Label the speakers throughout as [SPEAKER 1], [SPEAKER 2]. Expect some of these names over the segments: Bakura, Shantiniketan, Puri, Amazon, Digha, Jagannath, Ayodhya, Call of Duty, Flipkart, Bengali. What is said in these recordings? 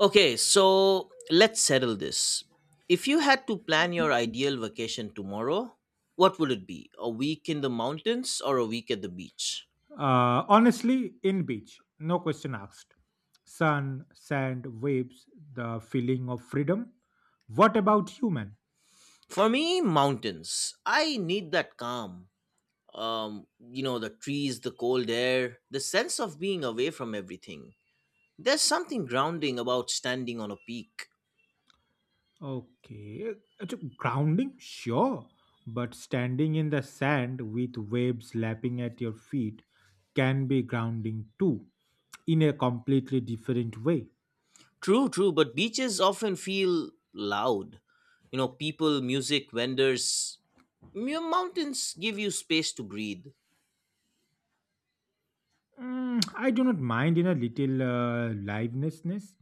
[SPEAKER 1] Okay, so let's settle this. If you had to plan your ideal vacation tomorrow, what would it be? A week in the mountains or a week at the beach?
[SPEAKER 2] Honestly, in beach, no question asked. Sun, sand, waves, the feeling of freedom. What about you, man?
[SPEAKER 1] For me, mountains. I need that calm. The trees, the cold air, the sense of being away from everything. There's something grounding about standing on a peak.
[SPEAKER 2] Okay, so grounding, sure, but standing in the sand with waves lapping at your feet can be grounding too, in a completely different way.
[SPEAKER 1] True, true, but beaches often feel loud. People, music, vendors. Mountains give you space to breathe.
[SPEAKER 2] Mm, I do not mind in a little livenessness.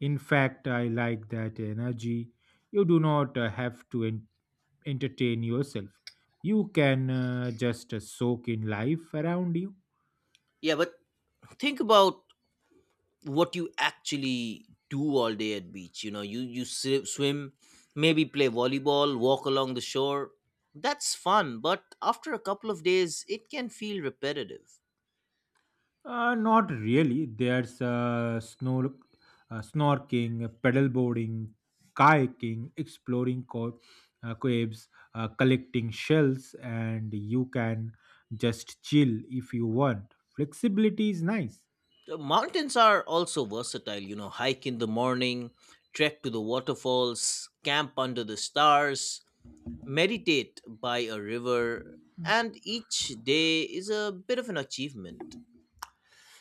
[SPEAKER 2] In fact, I like that energy. You do not have to entertain yourself. You can just soak in life around you.
[SPEAKER 1] Yeah, but think about what you actually do all day at beach. Swim, maybe play volleyball, walk along the shore. That's fun, but after a couple of days, it can feel repetitive.
[SPEAKER 2] Not really. There's snorking, paddleboarding, kayaking, exploring caves, collecting shells, and you can just chill if you want. Flexibility is nice.
[SPEAKER 1] The mountains are also versatile. Hike in the morning, trek to the waterfalls, camp under the stars, meditate by a river, and each day is a bit of an achievement.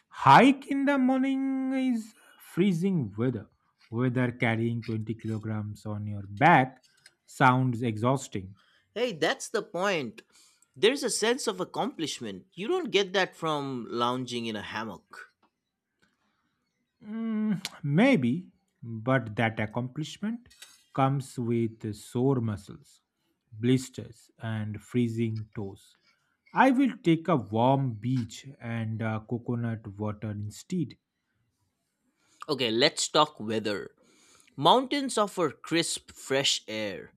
[SPEAKER 2] Hike in the morning is freezing weather. Whether carrying 20 kilograms on your back sounds exhausting.
[SPEAKER 1] Hey, that's the point. There's a sense of accomplishment. You don't get that from lounging in a hammock.
[SPEAKER 2] Mm, maybe, but that accomplishment comes with sore muscles, blisters, and freezing toes. I will take a warm beach and coconut water instead.
[SPEAKER 1] Okay, let's talk weather. Mountains offer crisp, fresh air.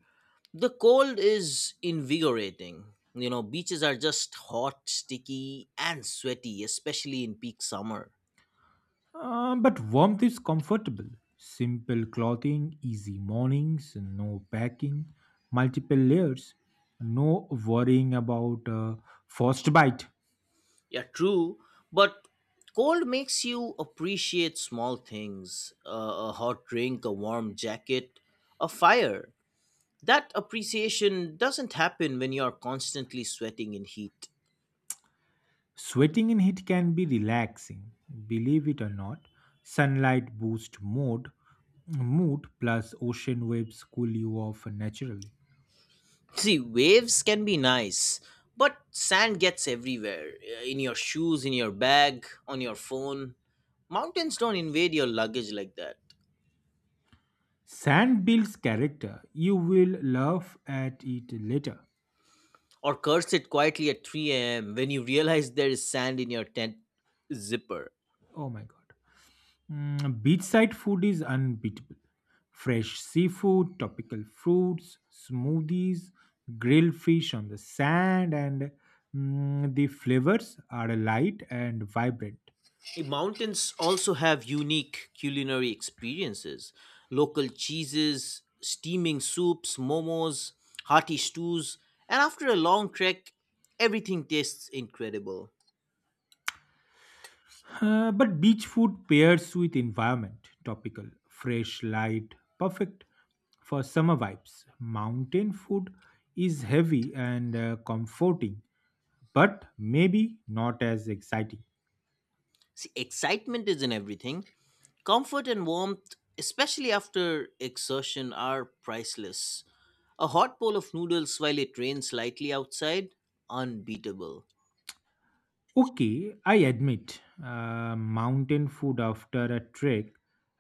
[SPEAKER 1] The cold is invigorating. Beaches are just hot, sticky, and sweaty, especially in peak summer.
[SPEAKER 2] But warmth is comfortable. Simple clothing, easy mornings, no packing, multiple layers, no worrying about frostbite.
[SPEAKER 1] Yeah, true, but cold makes you appreciate small things a hot drink, a warm jacket, a fire. That appreciation doesn't happen when you're constantly sweating in heat.
[SPEAKER 2] Sweating in heat can be relaxing, believe it or not. Sunlight boosts mood, mood plus ocean waves cool you off naturally.
[SPEAKER 1] See, waves can be nice, but sand gets everywhere in your shoes, in your bag, on your phone. Mountains don't invade your luggage like that.
[SPEAKER 2] Sand builds character. You will laugh at it later.
[SPEAKER 1] Or curse it quietly at 3 a.m. when you realize there is sand in your tent zipper.
[SPEAKER 2] Oh my god. Mm, beachside food is unbeatable. Fresh seafood, tropical fruits, smoothies, grilled fish on the sand, and the flavors are light and vibrant.
[SPEAKER 1] Mountains also have unique culinary experiences. Local cheeses, steaming soups, momos, hearty stews, and after a long trek, everything tastes incredible.
[SPEAKER 2] But beach food pairs with environment, tropical, fresh, light, perfect for summer vibes. Mountain food is heavy and comforting, but maybe not as exciting.
[SPEAKER 1] See, excitement is in everything. Comfort and warmth, especially after exertion, are priceless. A hot bowl of noodles while it rains slightly outside, unbeatable.
[SPEAKER 2] Okay, I admit, mountain food after a trek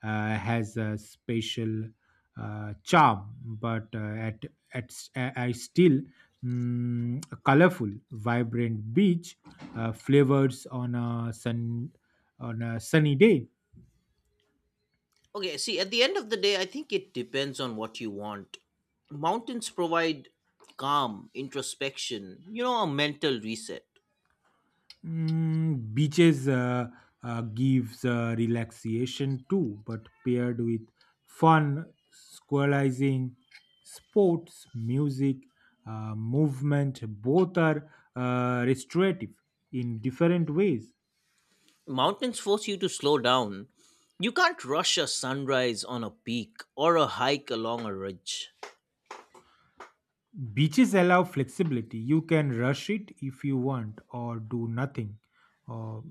[SPEAKER 2] has a special charm, but at I still a colorful, vibrant beach flavors on a sunny day.
[SPEAKER 1] Okay, see, at the end of the day, I think it depends on what you want. Mountains provide calm, introspection, a mental reset.
[SPEAKER 2] Mm, beaches gives relaxation too, but paired with fun, squalizing, sports, music, movement, both are restorative in different ways.
[SPEAKER 1] Mountains force you to slow down. You can't rush a sunrise on a peak or a hike along a ridge.
[SPEAKER 2] Beaches allow flexibility. You can rush it if you want, or do nothing, or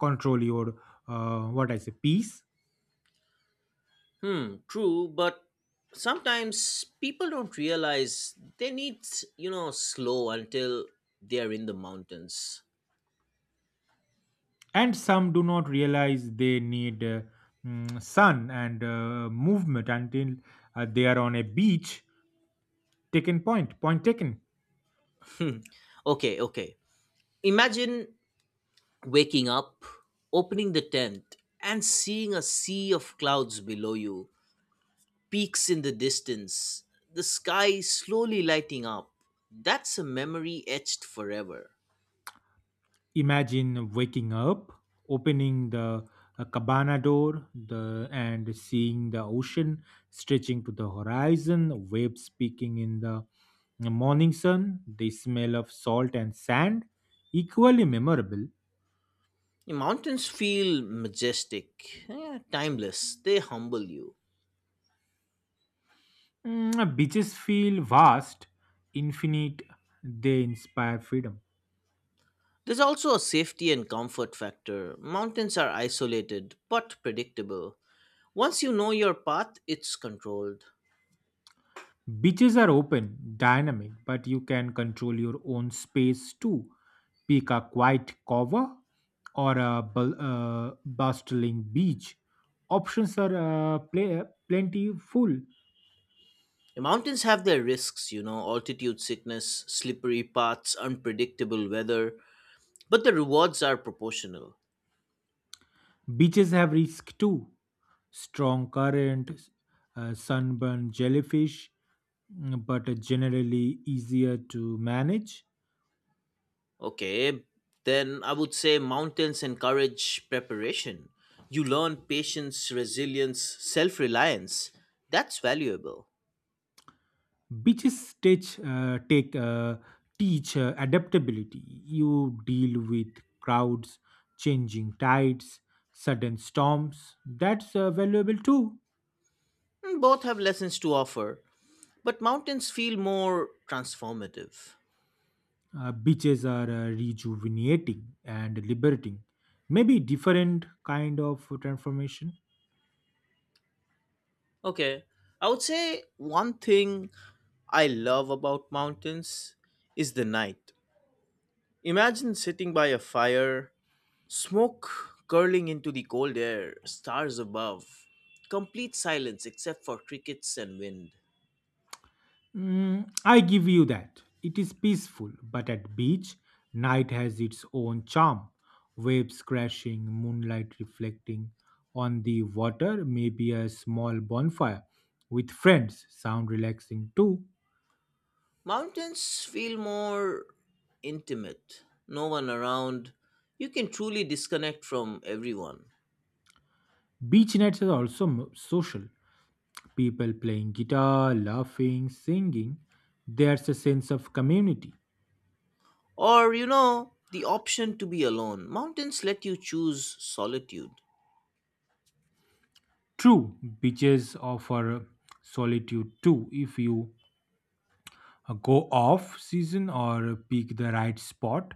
[SPEAKER 2] control your what I say peace.
[SPEAKER 1] Hmm, true, but sometimes people don't realize they need, slow until they're in the mountains.
[SPEAKER 2] And some do not realize they need sun and movement until they are on a beach taken. Point, taken.
[SPEAKER 1] Okay, okay. Imagine waking up, opening the tent, and seeing a sea of clouds below you, peaks in the distance, the sky slowly lighting up. That's a memory etched forever.
[SPEAKER 2] Imagine waking up, opening the cabana door, the and seeing the ocean stretching to the horizon, waves speaking in the morning sun, the smell of salt and sand, equally memorable.
[SPEAKER 1] Mountains feel majestic, timeless, they humble you.
[SPEAKER 2] Mm, beaches feel vast, infinite. They inspire freedom.
[SPEAKER 1] There's also a safety and comfort factor. Mountains are isolated but predictable. Once you know your path, it's controlled.
[SPEAKER 2] Beaches are open, dynamic, but you can control your own space too. Pick a quiet cover or a bustling beach. Options are plentiful.
[SPEAKER 1] The mountains have their risks, altitude sickness, slippery paths, unpredictable weather, but the rewards are proportional.
[SPEAKER 2] Beaches have risk too. Strong current, sunburn jellyfish, but generally easier to manage.
[SPEAKER 1] Okay, then I would say mountains encourage preparation. You learn patience, resilience, self reliance. That's valuable.
[SPEAKER 2] Beaches teach adaptability. You deal with crowds, changing tides, sudden storms. That's valuable too.
[SPEAKER 1] And both have lessons to offer, but mountains feel more transformative.
[SPEAKER 2] Beaches are rejuvenating and liberating. Maybe different kind of transformation.
[SPEAKER 1] Okay, I would say one thing I love about mountains is the night. Imagine sitting by a fire, smoke curling into the cold air, stars above, complete silence except for crickets and wind.
[SPEAKER 2] Mm, I give you that. It is peaceful, but at beach, night has its own charm. Waves crashing, moonlight reflecting on the water, maybe a small bonfire with friends. Sound relaxing too.
[SPEAKER 1] Mountains feel more intimate, no one around. You can truly disconnect from everyone.
[SPEAKER 2] Beach nights are also social. People playing guitar, laughing, singing. There's a sense of community.
[SPEAKER 1] Or, the option to be alone. Mountains let you choose solitude.
[SPEAKER 2] True, beaches offer solitude too if you go off season or pick the right spot,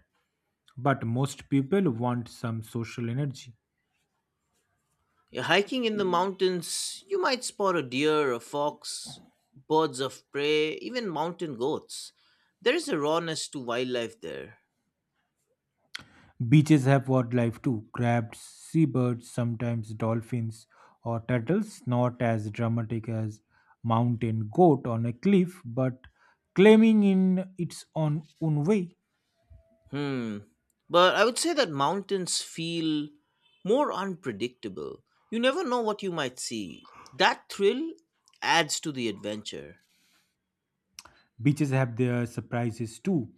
[SPEAKER 2] but most people want some social energy.
[SPEAKER 1] Yeah, hiking in the mountains, you might spot a deer, a fox, birds of prey, even mountain goats. There is a rawness to wildlife there.
[SPEAKER 2] Beaches have wildlife too: crabs, seabirds, sometimes dolphins or turtles, not as dramatic as mountain goat on a cliff, but claiming in its own way.
[SPEAKER 1] Hmm. But I would say that mountains feel more unpredictable. You never know what you might see. That thrill adds to the adventure.
[SPEAKER 2] Beaches have their surprises too.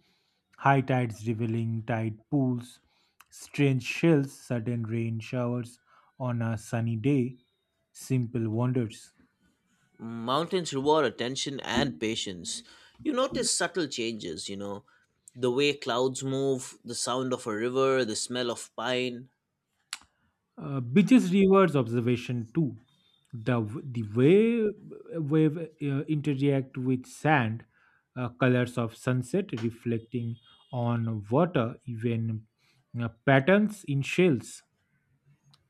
[SPEAKER 2] High tides revealing tide pools, strange shells, sudden rain showers on a sunny day, simple wonders.
[SPEAKER 1] Mountains reward attention and patience. You notice subtle changes, the way clouds move, the sound of a river, the smell of pine.
[SPEAKER 2] Beaches rewards observation too. The way wave interact with sand, colors of sunset reflecting on water, even patterns in shells.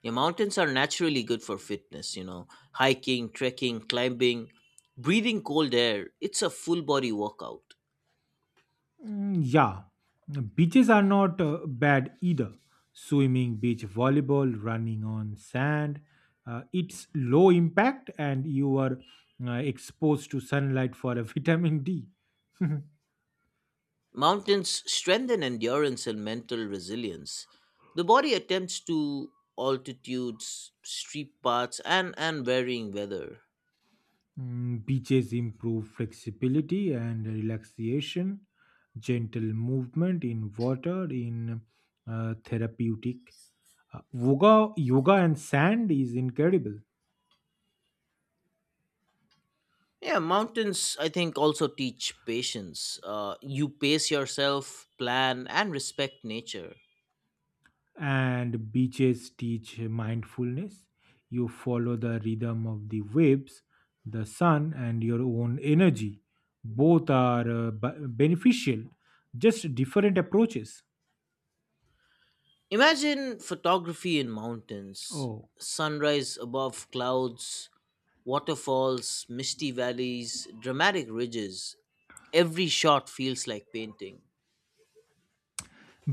[SPEAKER 1] Yeah, mountains are naturally good for fitness, hiking, trekking, climbing, breathing cold air. It's a full body workout.
[SPEAKER 2] Mm, yeah, beaches are not bad either. Swimming, beach volleyball, running on sand. It's low impact and you are exposed to sunlight for a vitamin D.
[SPEAKER 1] Mountains strengthen endurance and mental resilience. The body attempts to altitudes, steep paths, and varying weather.
[SPEAKER 2] Mm, beaches improve flexibility and relaxation, gentle movement in water, in therapeutic. Yoga and sand is incredible.
[SPEAKER 1] Yeah, mountains, I think, also teach patience. You pace yourself, plan, and respect nature.
[SPEAKER 2] And beaches teach mindfulness. You follow the rhythm of the waves, the sun, and your own energy. Both are beneficial, just different approaches.
[SPEAKER 1] Imagine photography in mountains,
[SPEAKER 2] Oh,
[SPEAKER 1] sunrise above clouds, waterfalls, misty valleys, dramatic ridges. Every shot feels like painting.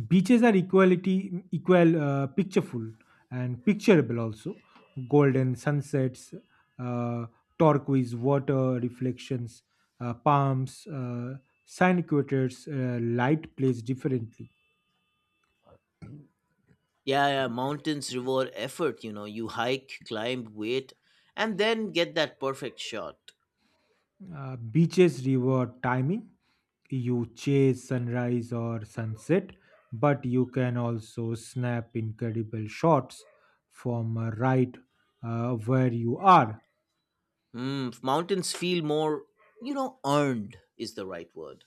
[SPEAKER 2] beaches are equal pictureful and picturable also. Golden sunsets, uh, turquoise water reflections, palms, sun equators, light plays differently.
[SPEAKER 1] Yeah, yeah, mountains reward effort, you know. You hike, climb, wait, and then get that perfect shot.
[SPEAKER 2] Beaches reward timing. You chase sunrise or sunset, but you can also snap incredible shots from right where you are.
[SPEAKER 1] Mm, mountains feel more, earned is the right word.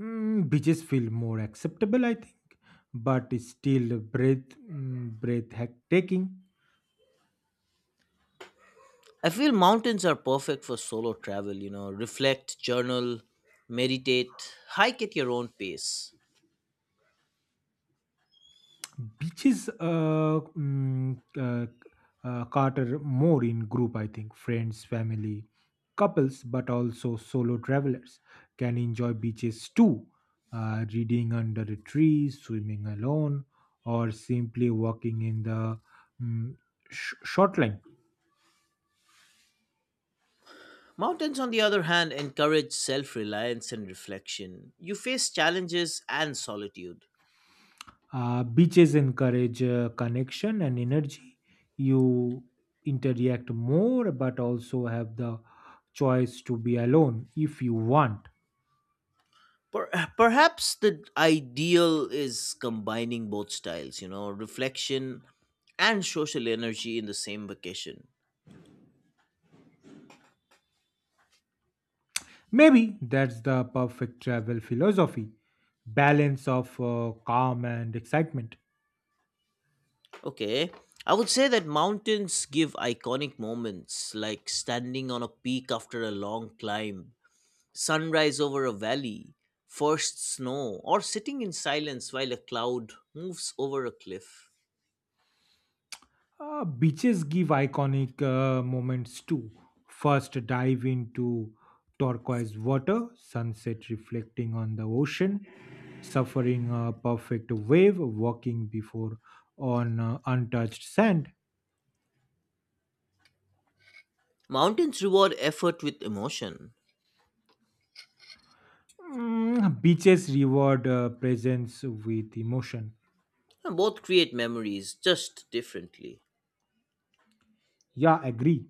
[SPEAKER 2] Mm, beaches feel more acceptable, I think, but it's still breath-taking.
[SPEAKER 1] I feel mountains are perfect for solo travel, reflect, journal, meditate, hike at your own pace.
[SPEAKER 2] Beaches cater more in group, I think. Friends, family, couples, but also solo travelers can enjoy beaches too. Reading under a tree, swimming alone, or simply walking in the mm, shoreline.
[SPEAKER 1] Mountains, on the other hand, encourage self reliance and reflection. You face challenges and solitude.
[SPEAKER 2] Beaches encourage connection and energy. You interact more, but also have the choice to be alone if you want.
[SPEAKER 1] Per- perhaps the ideal is combining both styles, reflection and social energy in the same vacation.
[SPEAKER 2] Maybe that's the perfect travel philosophy, balance of calm and excitement.
[SPEAKER 1] Okay. I would say that mountains give iconic moments like standing on a peak after a long climb, sunrise over a valley, first snow, or sitting in silence while a cloud moves over a cliff.
[SPEAKER 2] Beaches give iconic moments too. First, dive into turquoise water, sunset reflecting on the ocean, suffering a perfect wave, walking before on untouched sand.
[SPEAKER 1] Mountains reward effort with emotion.
[SPEAKER 2] Mm, beaches reward presence with emotion.
[SPEAKER 1] And both create memories, just differently.
[SPEAKER 2] Yeah, agree.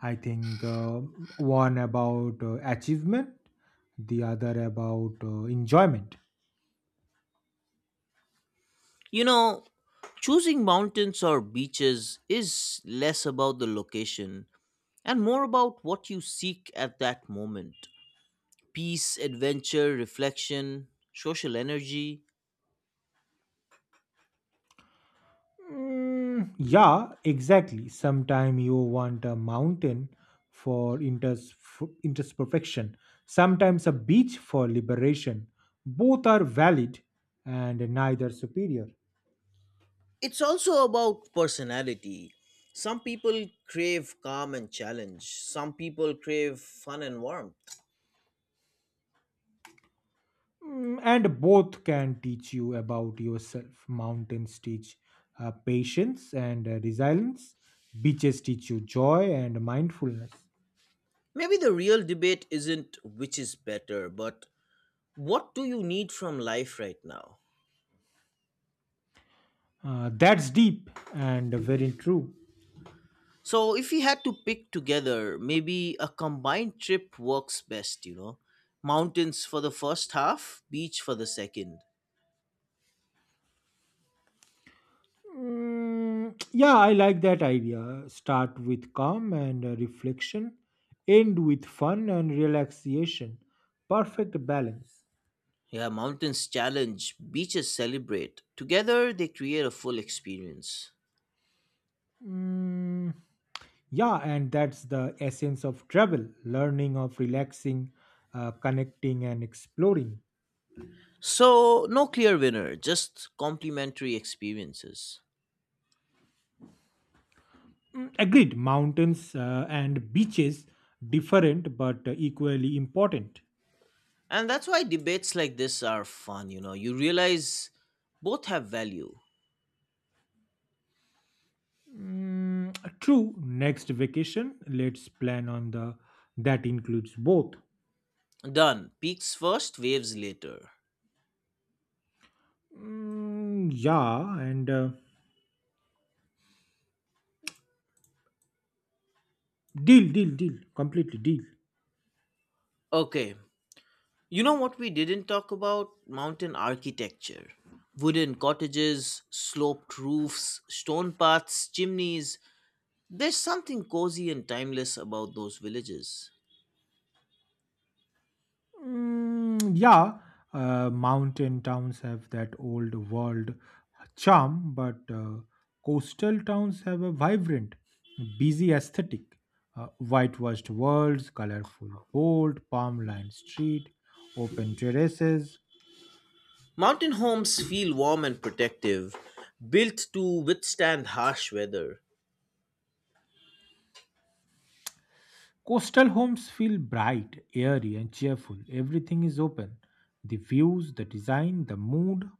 [SPEAKER 2] I think one about achievement, the other about enjoyment.
[SPEAKER 1] You know, choosing mountains or beaches is less about the location and more about what you seek at that moment peace, adventure, reflection, social energy.
[SPEAKER 2] Mm, yeah, exactly. Sometimes you want a mountain for interest perfection. Sometimes a beach for liberation. Both are valid and neither superior.
[SPEAKER 1] It's also about personality. Some people crave calm and challenge, some people crave fun and warmth.
[SPEAKER 2] Mm, and both can teach you about yourself. Mountains teach patience and resilience. Beaches teach you joy and mindfulness.
[SPEAKER 1] Maybe the real debate isn't which is better, but what do you need from life right now?
[SPEAKER 2] That's deep and very true.
[SPEAKER 1] So, if you had to pick together, maybe a combined trip works best. Mountains for the first half, beach for the second.
[SPEAKER 2] Mm, yeah, I like that idea. Start with calm and reflection, end with fun and relaxation. Perfect balance.
[SPEAKER 1] Yeah, mountains challenge, beaches celebrate. Together, they create a full experience.
[SPEAKER 2] Mm, yeah, and that's the essence of travel learning, of relaxing, connecting, and exploring.
[SPEAKER 1] So, no clear winner, just complementary experiences.
[SPEAKER 2] Mm, agreed, mountains and beaches different but equally important.
[SPEAKER 1] And that's why debates like this are fun, you know. You realize both have value.
[SPEAKER 2] Mm, true, next vacation, let's plan on the that includes both.
[SPEAKER 1] Done. Peaks first, waves later.
[SPEAKER 2] Mm, yeah, and deal, deal, deal, completely deal.
[SPEAKER 1] Okay, you know what we didn't talk about? Mountain architecture. Wooden cottages, sloped roofs, stone paths, chimneys. There's something cozy and timeless about those villages.
[SPEAKER 2] Mm, yeah, mountain towns have that old world charm, but coastal towns have a vibrant, busy aesthetic. Whitewashed walls, colorful bold, palm-lined street, open terraces.
[SPEAKER 1] Mountain homes feel warm and protective, built to withstand harsh weather.
[SPEAKER 2] Coastal homes feel bright, airy, and cheerful. Everything is open. The views, the design, the mood.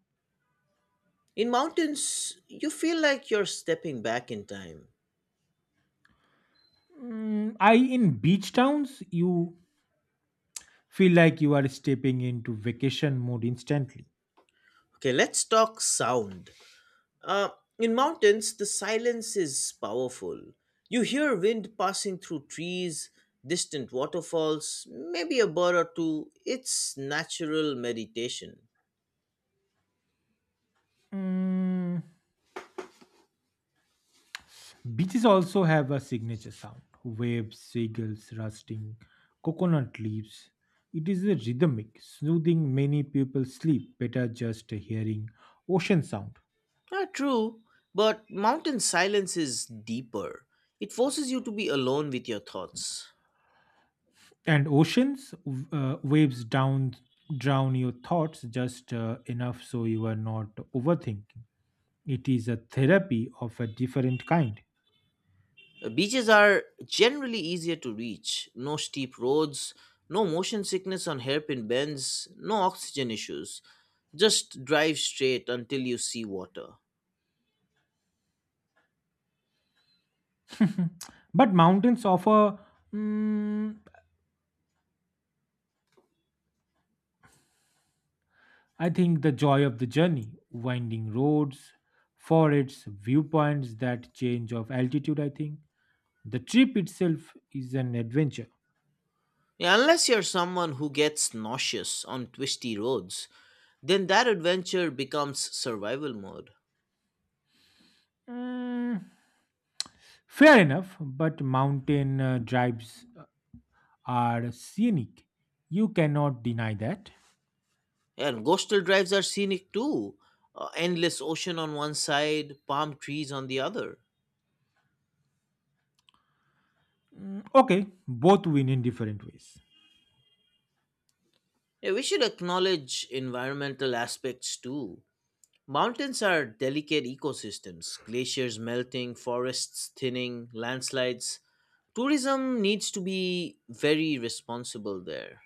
[SPEAKER 1] In mountains, you feel like you're stepping back in time.
[SPEAKER 2] Mm, I in beach towns, you feel like you are stepping into vacation mode instantly.
[SPEAKER 1] Okay, let's talk sound. Uh, in mountains, the silence is powerful. You hear wind passing through trees, distant waterfalls, maybe a bird or two. It's natural meditation.
[SPEAKER 2] Mm, beaches also have a signature sound: waves, seagulls rusting, coconut leaves. It is a rhythmic, soothing. Many people sleep better just hearing ocean sound.
[SPEAKER 1] Ah, true, but mountain silence is deeper. It forces you to be alone with your thoughts.
[SPEAKER 2] And oceans waves down drown your thoughts just enough so you are not overthinking. It is a therapy of a different kind.
[SPEAKER 1] Beaches are generally easier to reach. No steep roads, no motion sickness on hairpin bends, no oxygen issues. Just drive straight until you see water.
[SPEAKER 2] but mountains offer mm, I think the joy of the journey, winding roads, forests, viewpoints, that change of altitude, I think. The trip itself is an adventure.
[SPEAKER 1] Yeah, unless you're someone who gets nauseous on twisty roads, then that adventure becomes survival mode.
[SPEAKER 2] Mm, fair enough, but mountain drives are scenic. You cannot deny that.
[SPEAKER 1] And coastal drives are scenic too. Endless ocean on one side, palm trees on the other.
[SPEAKER 2] Mm, okay, both win in different ways.
[SPEAKER 1] Yeah, we should acknowledge environmental aspects too. Mountains are delicate ecosystems, glaciers melting, forests thinning, landslides. Tourism needs to be very responsible there.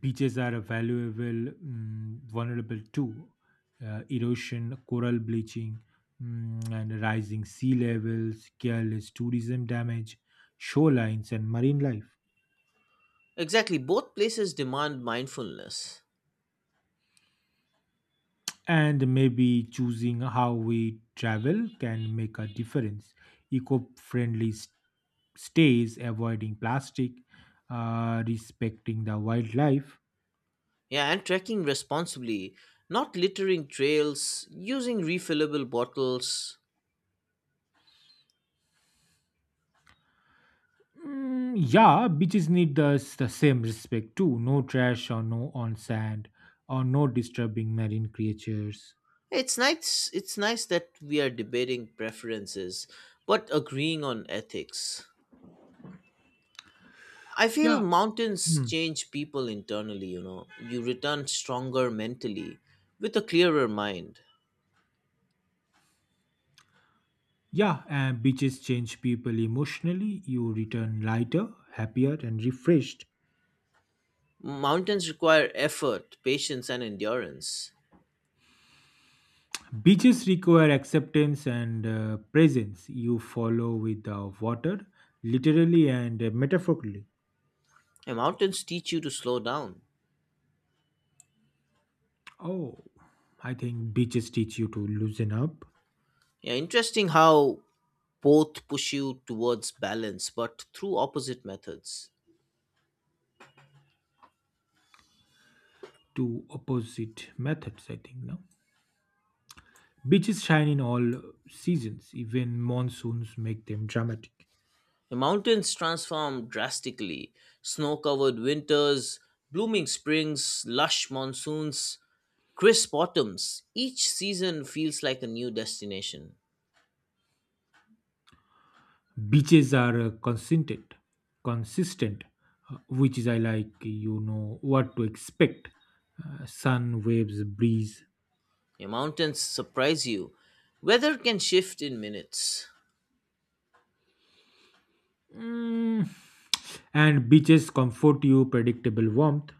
[SPEAKER 2] Beaches are vulnerable to erosion, coral bleaching, and rising sea levels, careless tourism damage, shorelines, and marine life.
[SPEAKER 1] Exactly, both places demand mindfulness.
[SPEAKER 2] And maybe choosing how we travel can make a difference. Eco friendly stays, avoiding plastic, respecting the wildlife.
[SPEAKER 1] Yeah, and trekking responsibly, not littering trails, using refillable bottles.
[SPEAKER 2] Mm, yeah, beaches need the same respect too. No trash or no on sand or no disturbing marine creatures.
[SPEAKER 1] It's nice that we are debating preferences, but agreeing on ethics. I feel
[SPEAKER 2] Yeah,
[SPEAKER 1] mountains
[SPEAKER 2] mm,
[SPEAKER 1] change people internally, you know. You return stronger mentally, with a clearer mind.
[SPEAKER 2] yeah, and beaches change people emotionally. You return lighter, happier, and refreshed.
[SPEAKER 1] Mountains require effort, patience and endurance.
[SPEAKER 2] Beaches require acceptance and presence. You follow with the water, literally and metaphorically.
[SPEAKER 1] And mountains teach you to slow down.
[SPEAKER 2] Oh, I think beaches teach you to loosen up
[SPEAKER 1] Yeah, interesting how both push you towards balance but through opposite methods.
[SPEAKER 2] to opposite methods, I think, no? Beaches shine in all seasons, even monsoons make them dramatic.
[SPEAKER 1] The mountains transform drastically snow covered winters, blooming springs, lush monsoons, crisp autumns. Each season feels like a new destination.
[SPEAKER 2] Beaches are consistent, which is I like. You know what to expect: sun, waves, breeze.
[SPEAKER 1] The mountains surprise you. Weather can shift in minutes.
[SPEAKER 2] Mm, and beaches comfort you, predictable warmth.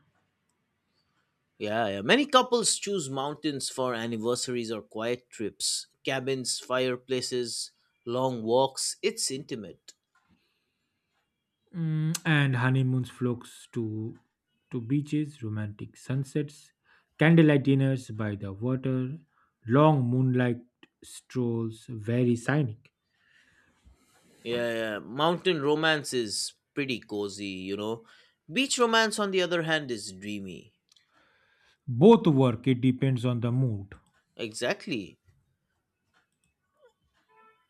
[SPEAKER 1] Yeah, yeah. Many couples choose mountains for anniversaries or quiet trips, cabins, fireplaces, long walks. It's intimate.
[SPEAKER 2] Mm, and honeymoons flocks to beaches, romantic sunsets, candlelight dinners by the water, long moonlight strolls, very scenic.
[SPEAKER 1] Yeah, yeah. Mountain romance is pretty cozy. Beach romance, on the other hand, is dreamy.
[SPEAKER 2] Both work, it depends on the mood.
[SPEAKER 1] Exactly.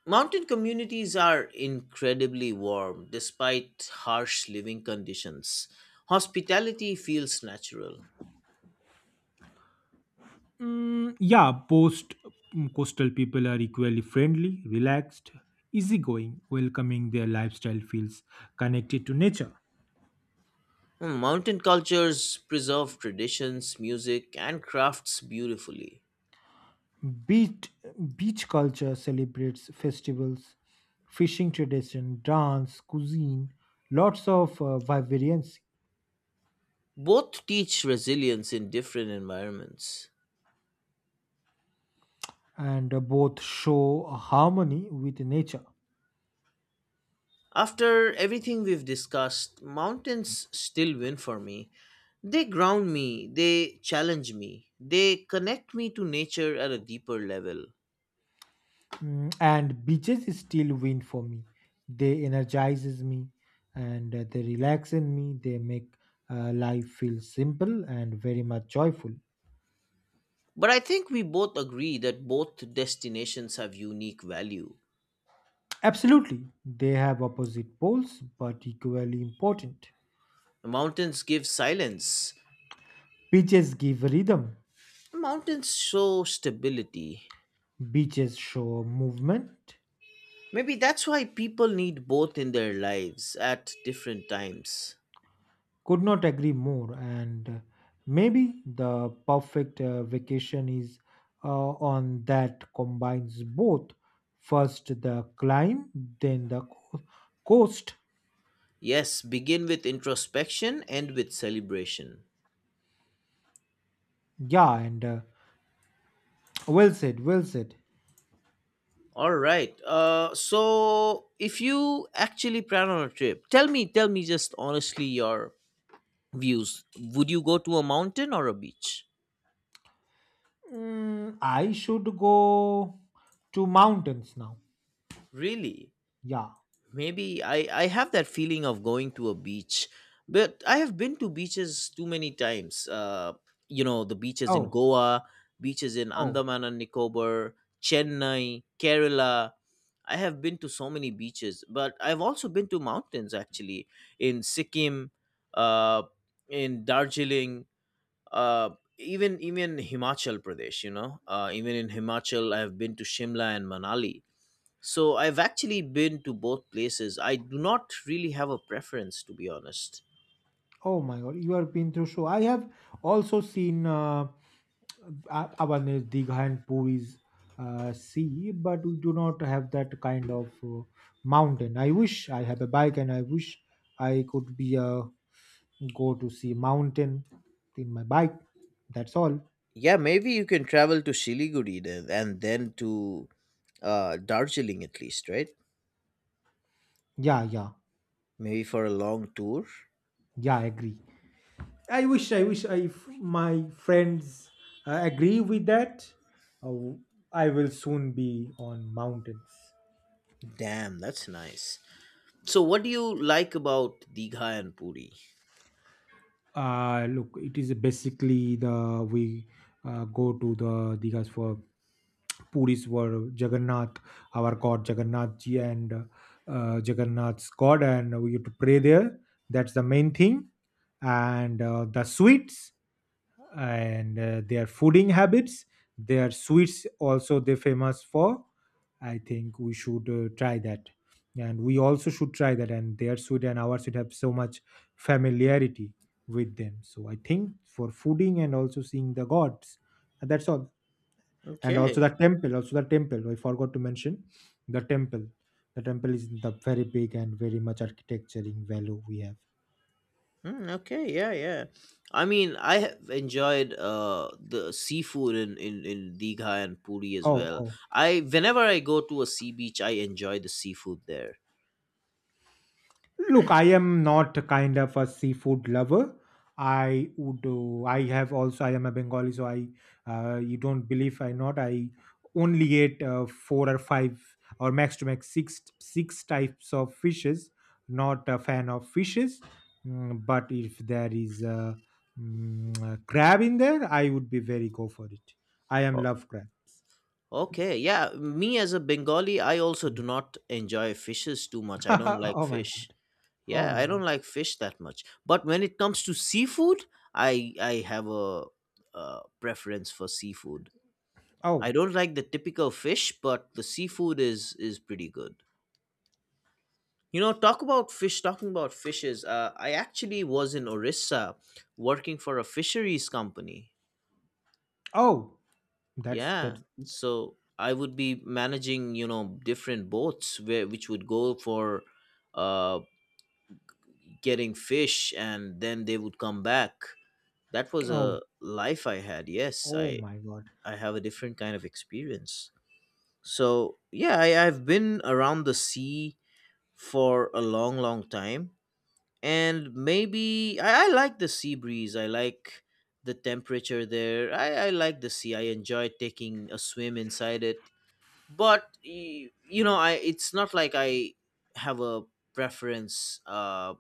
[SPEAKER 1] Mountain communities are incredibly warm despite harsh living conditions. Hospitality feels natural.
[SPEAKER 2] Mm, yeah, coastal people are equally friendly, relaxed, easygoing, welcoming. Their lifestyle feels connected to nature.
[SPEAKER 1] Mountain cultures preserve traditions, music, and crafts beautifully.
[SPEAKER 2] Beach, beach culture celebrates festivals, fishing tradition, dance, cuisine, lots of vibrancy.
[SPEAKER 1] Both teach resilience in different environments.
[SPEAKER 2] And both show harmony with nature.
[SPEAKER 1] After everything we've discussed, mountains still win for me. They ground me, they challenge me, they connect me to nature at a deeper level.
[SPEAKER 2] Mm, and beaches still win for me. They energizes me, and they relax in me. They make life feel simple and very much joyful.
[SPEAKER 1] But I think we both agree that both destinations have unique value.
[SPEAKER 2] Absolutely, they have opposite poles but equally important.
[SPEAKER 1] Mountains give silence,
[SPEAKER 2] Beaches give rhythm.
[SPEAKER 1] mountains show stability.
[SPEAKER 2] Beaches show movement.
[SPEAKER 1] Maybe that's why people need both in their lives at different times.
[SPEAKER 2] Could not agree more. And maybe the perfect vacation is uh, on that combines both, first the climb, then the coast.
[SPEAKER 1] Yes, begin with introspection, end with celebration.
[SPEAKER 2] Yeah, and well said, well said.
[SPEAKER 1] All right. So if you actually plan on a trip, tell me just honestly your views. Would you go to a mountain or a beach?
[SPEAKER 2] Mm, I should go to mountains now.
[SPEAKER 1] Really?
[SPEAKER 2] Yeah.
[SPEAKER 1] Maybe I have that feeling of going to a beach, but I have been to beaches too many times. The beaches in
[SPEAKER 2] Oh,
[SPEAKER 1] Goa, beaches in
[SPEAKER 2] oh,
[SPEAKER 1] Andaman and Nicobar, Chennai, Kerala. I have been to so many beaches, but I've also been to mountains actually in Sikkim, uh, in Darjeeling, uh, even Himachal Pradesh. Even in Himachal, I have been to Shimla and Manali, so I've actually been to both places. I do not really have a preference, to be honest.
[SPEAKER 2] oh my God. You have been through. So I have also seen. Awareness Digha and Puris see, but we do not have that kind of mountain. I wish I have a bike and I wish I could be go to see mountain in my bike. That's all.
[SPEAKER 1] Yeah, maybe you can travel to Siliguri then, and then to Darjeeling at least, right?
[SPEAKER 2] Yeah, yeah.
[SPEAKER 1] Maybe for a long tour.
[SPEAKER 2] Yeah, I agree. I wish I, if my friends agree with that, uh, I will soon be on mountains.
[SPEAKER 1] Damn, that's nice. So, what do you like about Digha and Puri?
[SPEAKER 2] Look, it is basically the we go to the Digas for Puris were Jagannath, our god Jagannath ji, and Jagannath's god, and we used to pray there. That's the main thing, and the sweets and their fooding habits. Their sweets also they famous for. I think we should try that, and we also should try that. And their sweet and our sweet have so much familiarity with them. So I think for fooding and also seeing the gods, and that's all. And also
[SPEAKER 1] Okay.
[SPEAKER 2] the temple, also the temple I forgot to mention the temple the temple is the very big and very much architecturing value we have.
[SPEAKER 1] Hmm, okay. Yeah. Yeah. I mean, I have enjoyed the seafood in Digha and Puri as
[SPEAKER 2] Oh,
[SPEAKER 1] well.
[SPEAKER 2] oh.
[SPEAKER 1] I whenever I go to a sea beach, I enjoy the seafood there.
[SPEAKER 2] Look, I am not kind of a seafood lover. I would. I have also. I am a Bengali, so I. You don't believe I not. I only ate four or five or max to max six types of fishes. Not a fan of fishes. Mm, but if there is a crab in there, I would be very go for it. I am
[SPEAKER 1] O-
[SPEAKER 2] love crabs.
[SPEAKER 1] Okay, yeah. Me as a Bengali, I also do
[SPEAKER 2] Mm.
[SPEAKER 1] not enjoy fishes too much. I don't like
[SPEAKER 2] oh my
[SPEAKER 1] fish.
[SPEAKER 2] god! Oh
[SPEAKER 1] Yeah,
[SPEAKER 2] my
[SPEAKER 1] I don't
[SPEAKER 2] god!
[SPEAKER 1] like fish that much. But when it comes to seafood, I have a preference for seafood. I
[SPEAKER 2] Oh,
[SPEAKER 1] don't like the typical fish, but the seafood is pretty good. You know, talk about fish. Talking about fishes, I actually was in Orissa working for a fisheries company.
[SPEAKER 2] oh! That's
[SPEAKER 1] Yeah,
[SPEAKER 2] that's
[SPEAKER 1] so I would be managing, different boats where which would go for uh getting fish and then they would come back. That was
[SPEAKER 2] Oh.
[SPEAKER 1] a life I had. Yes,
[SPEAKER 2] Oh
[SPEAKER 1] I
[SPEAKER 2] my God.
[SPEAKER 1] I have a different kind of experience. So, yeah, I've been around the sea for a long long time and maybe I like the sea breeze. I like the temperature there. I like the sea. I enjoy taking a swim inside it, but you know, I it's not like I have a preference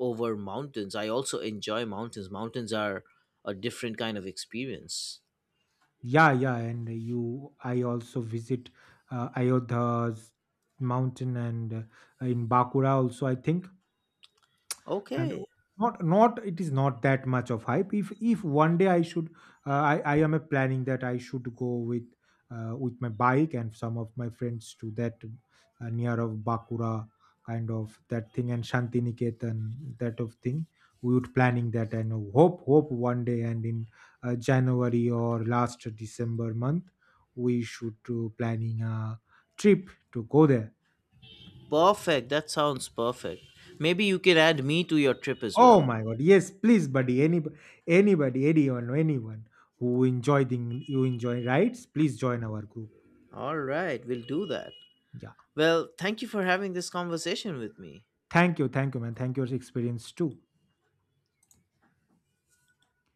[SPEAKER 1] over mountains. I also enjoy mountains. Mountains are a different kind of experience.
[SPEAKER 2] Yeah, yeah. And you, I also visit Ayodhya's mountain and in Bakura also, I think. and
[SPEAKER 1] Okay,
[SPEAKER 2] o- not it is not that much of hype. If one day I should, I am a planning that I should go with my bike and some of my friends to that near of Bakura, kind of that thing, and Shantiniketan, that of thing. We would planning that, and hope one day, and in January or last December month we should do planning a trip to go there.
[SPEAKER 1] perfect, that sounds perfect. Maybe you can add me to your trip as
[SPEAKER 2] Oh
[SPEAKER 1] well.
[SPEAKER 2] my god, yes, please, buddy. Anybody, anyone, anyone who enjoy the you enjoy rides, please join our group.
[SPEAKER 1] All right, we'll do that.
[SPEAKER 2] Yeah.
[SPEAKER 1] Well, thank you for having this conversation with me.
[SPEAKER 2] Thank you, man. Thank you for your experience too.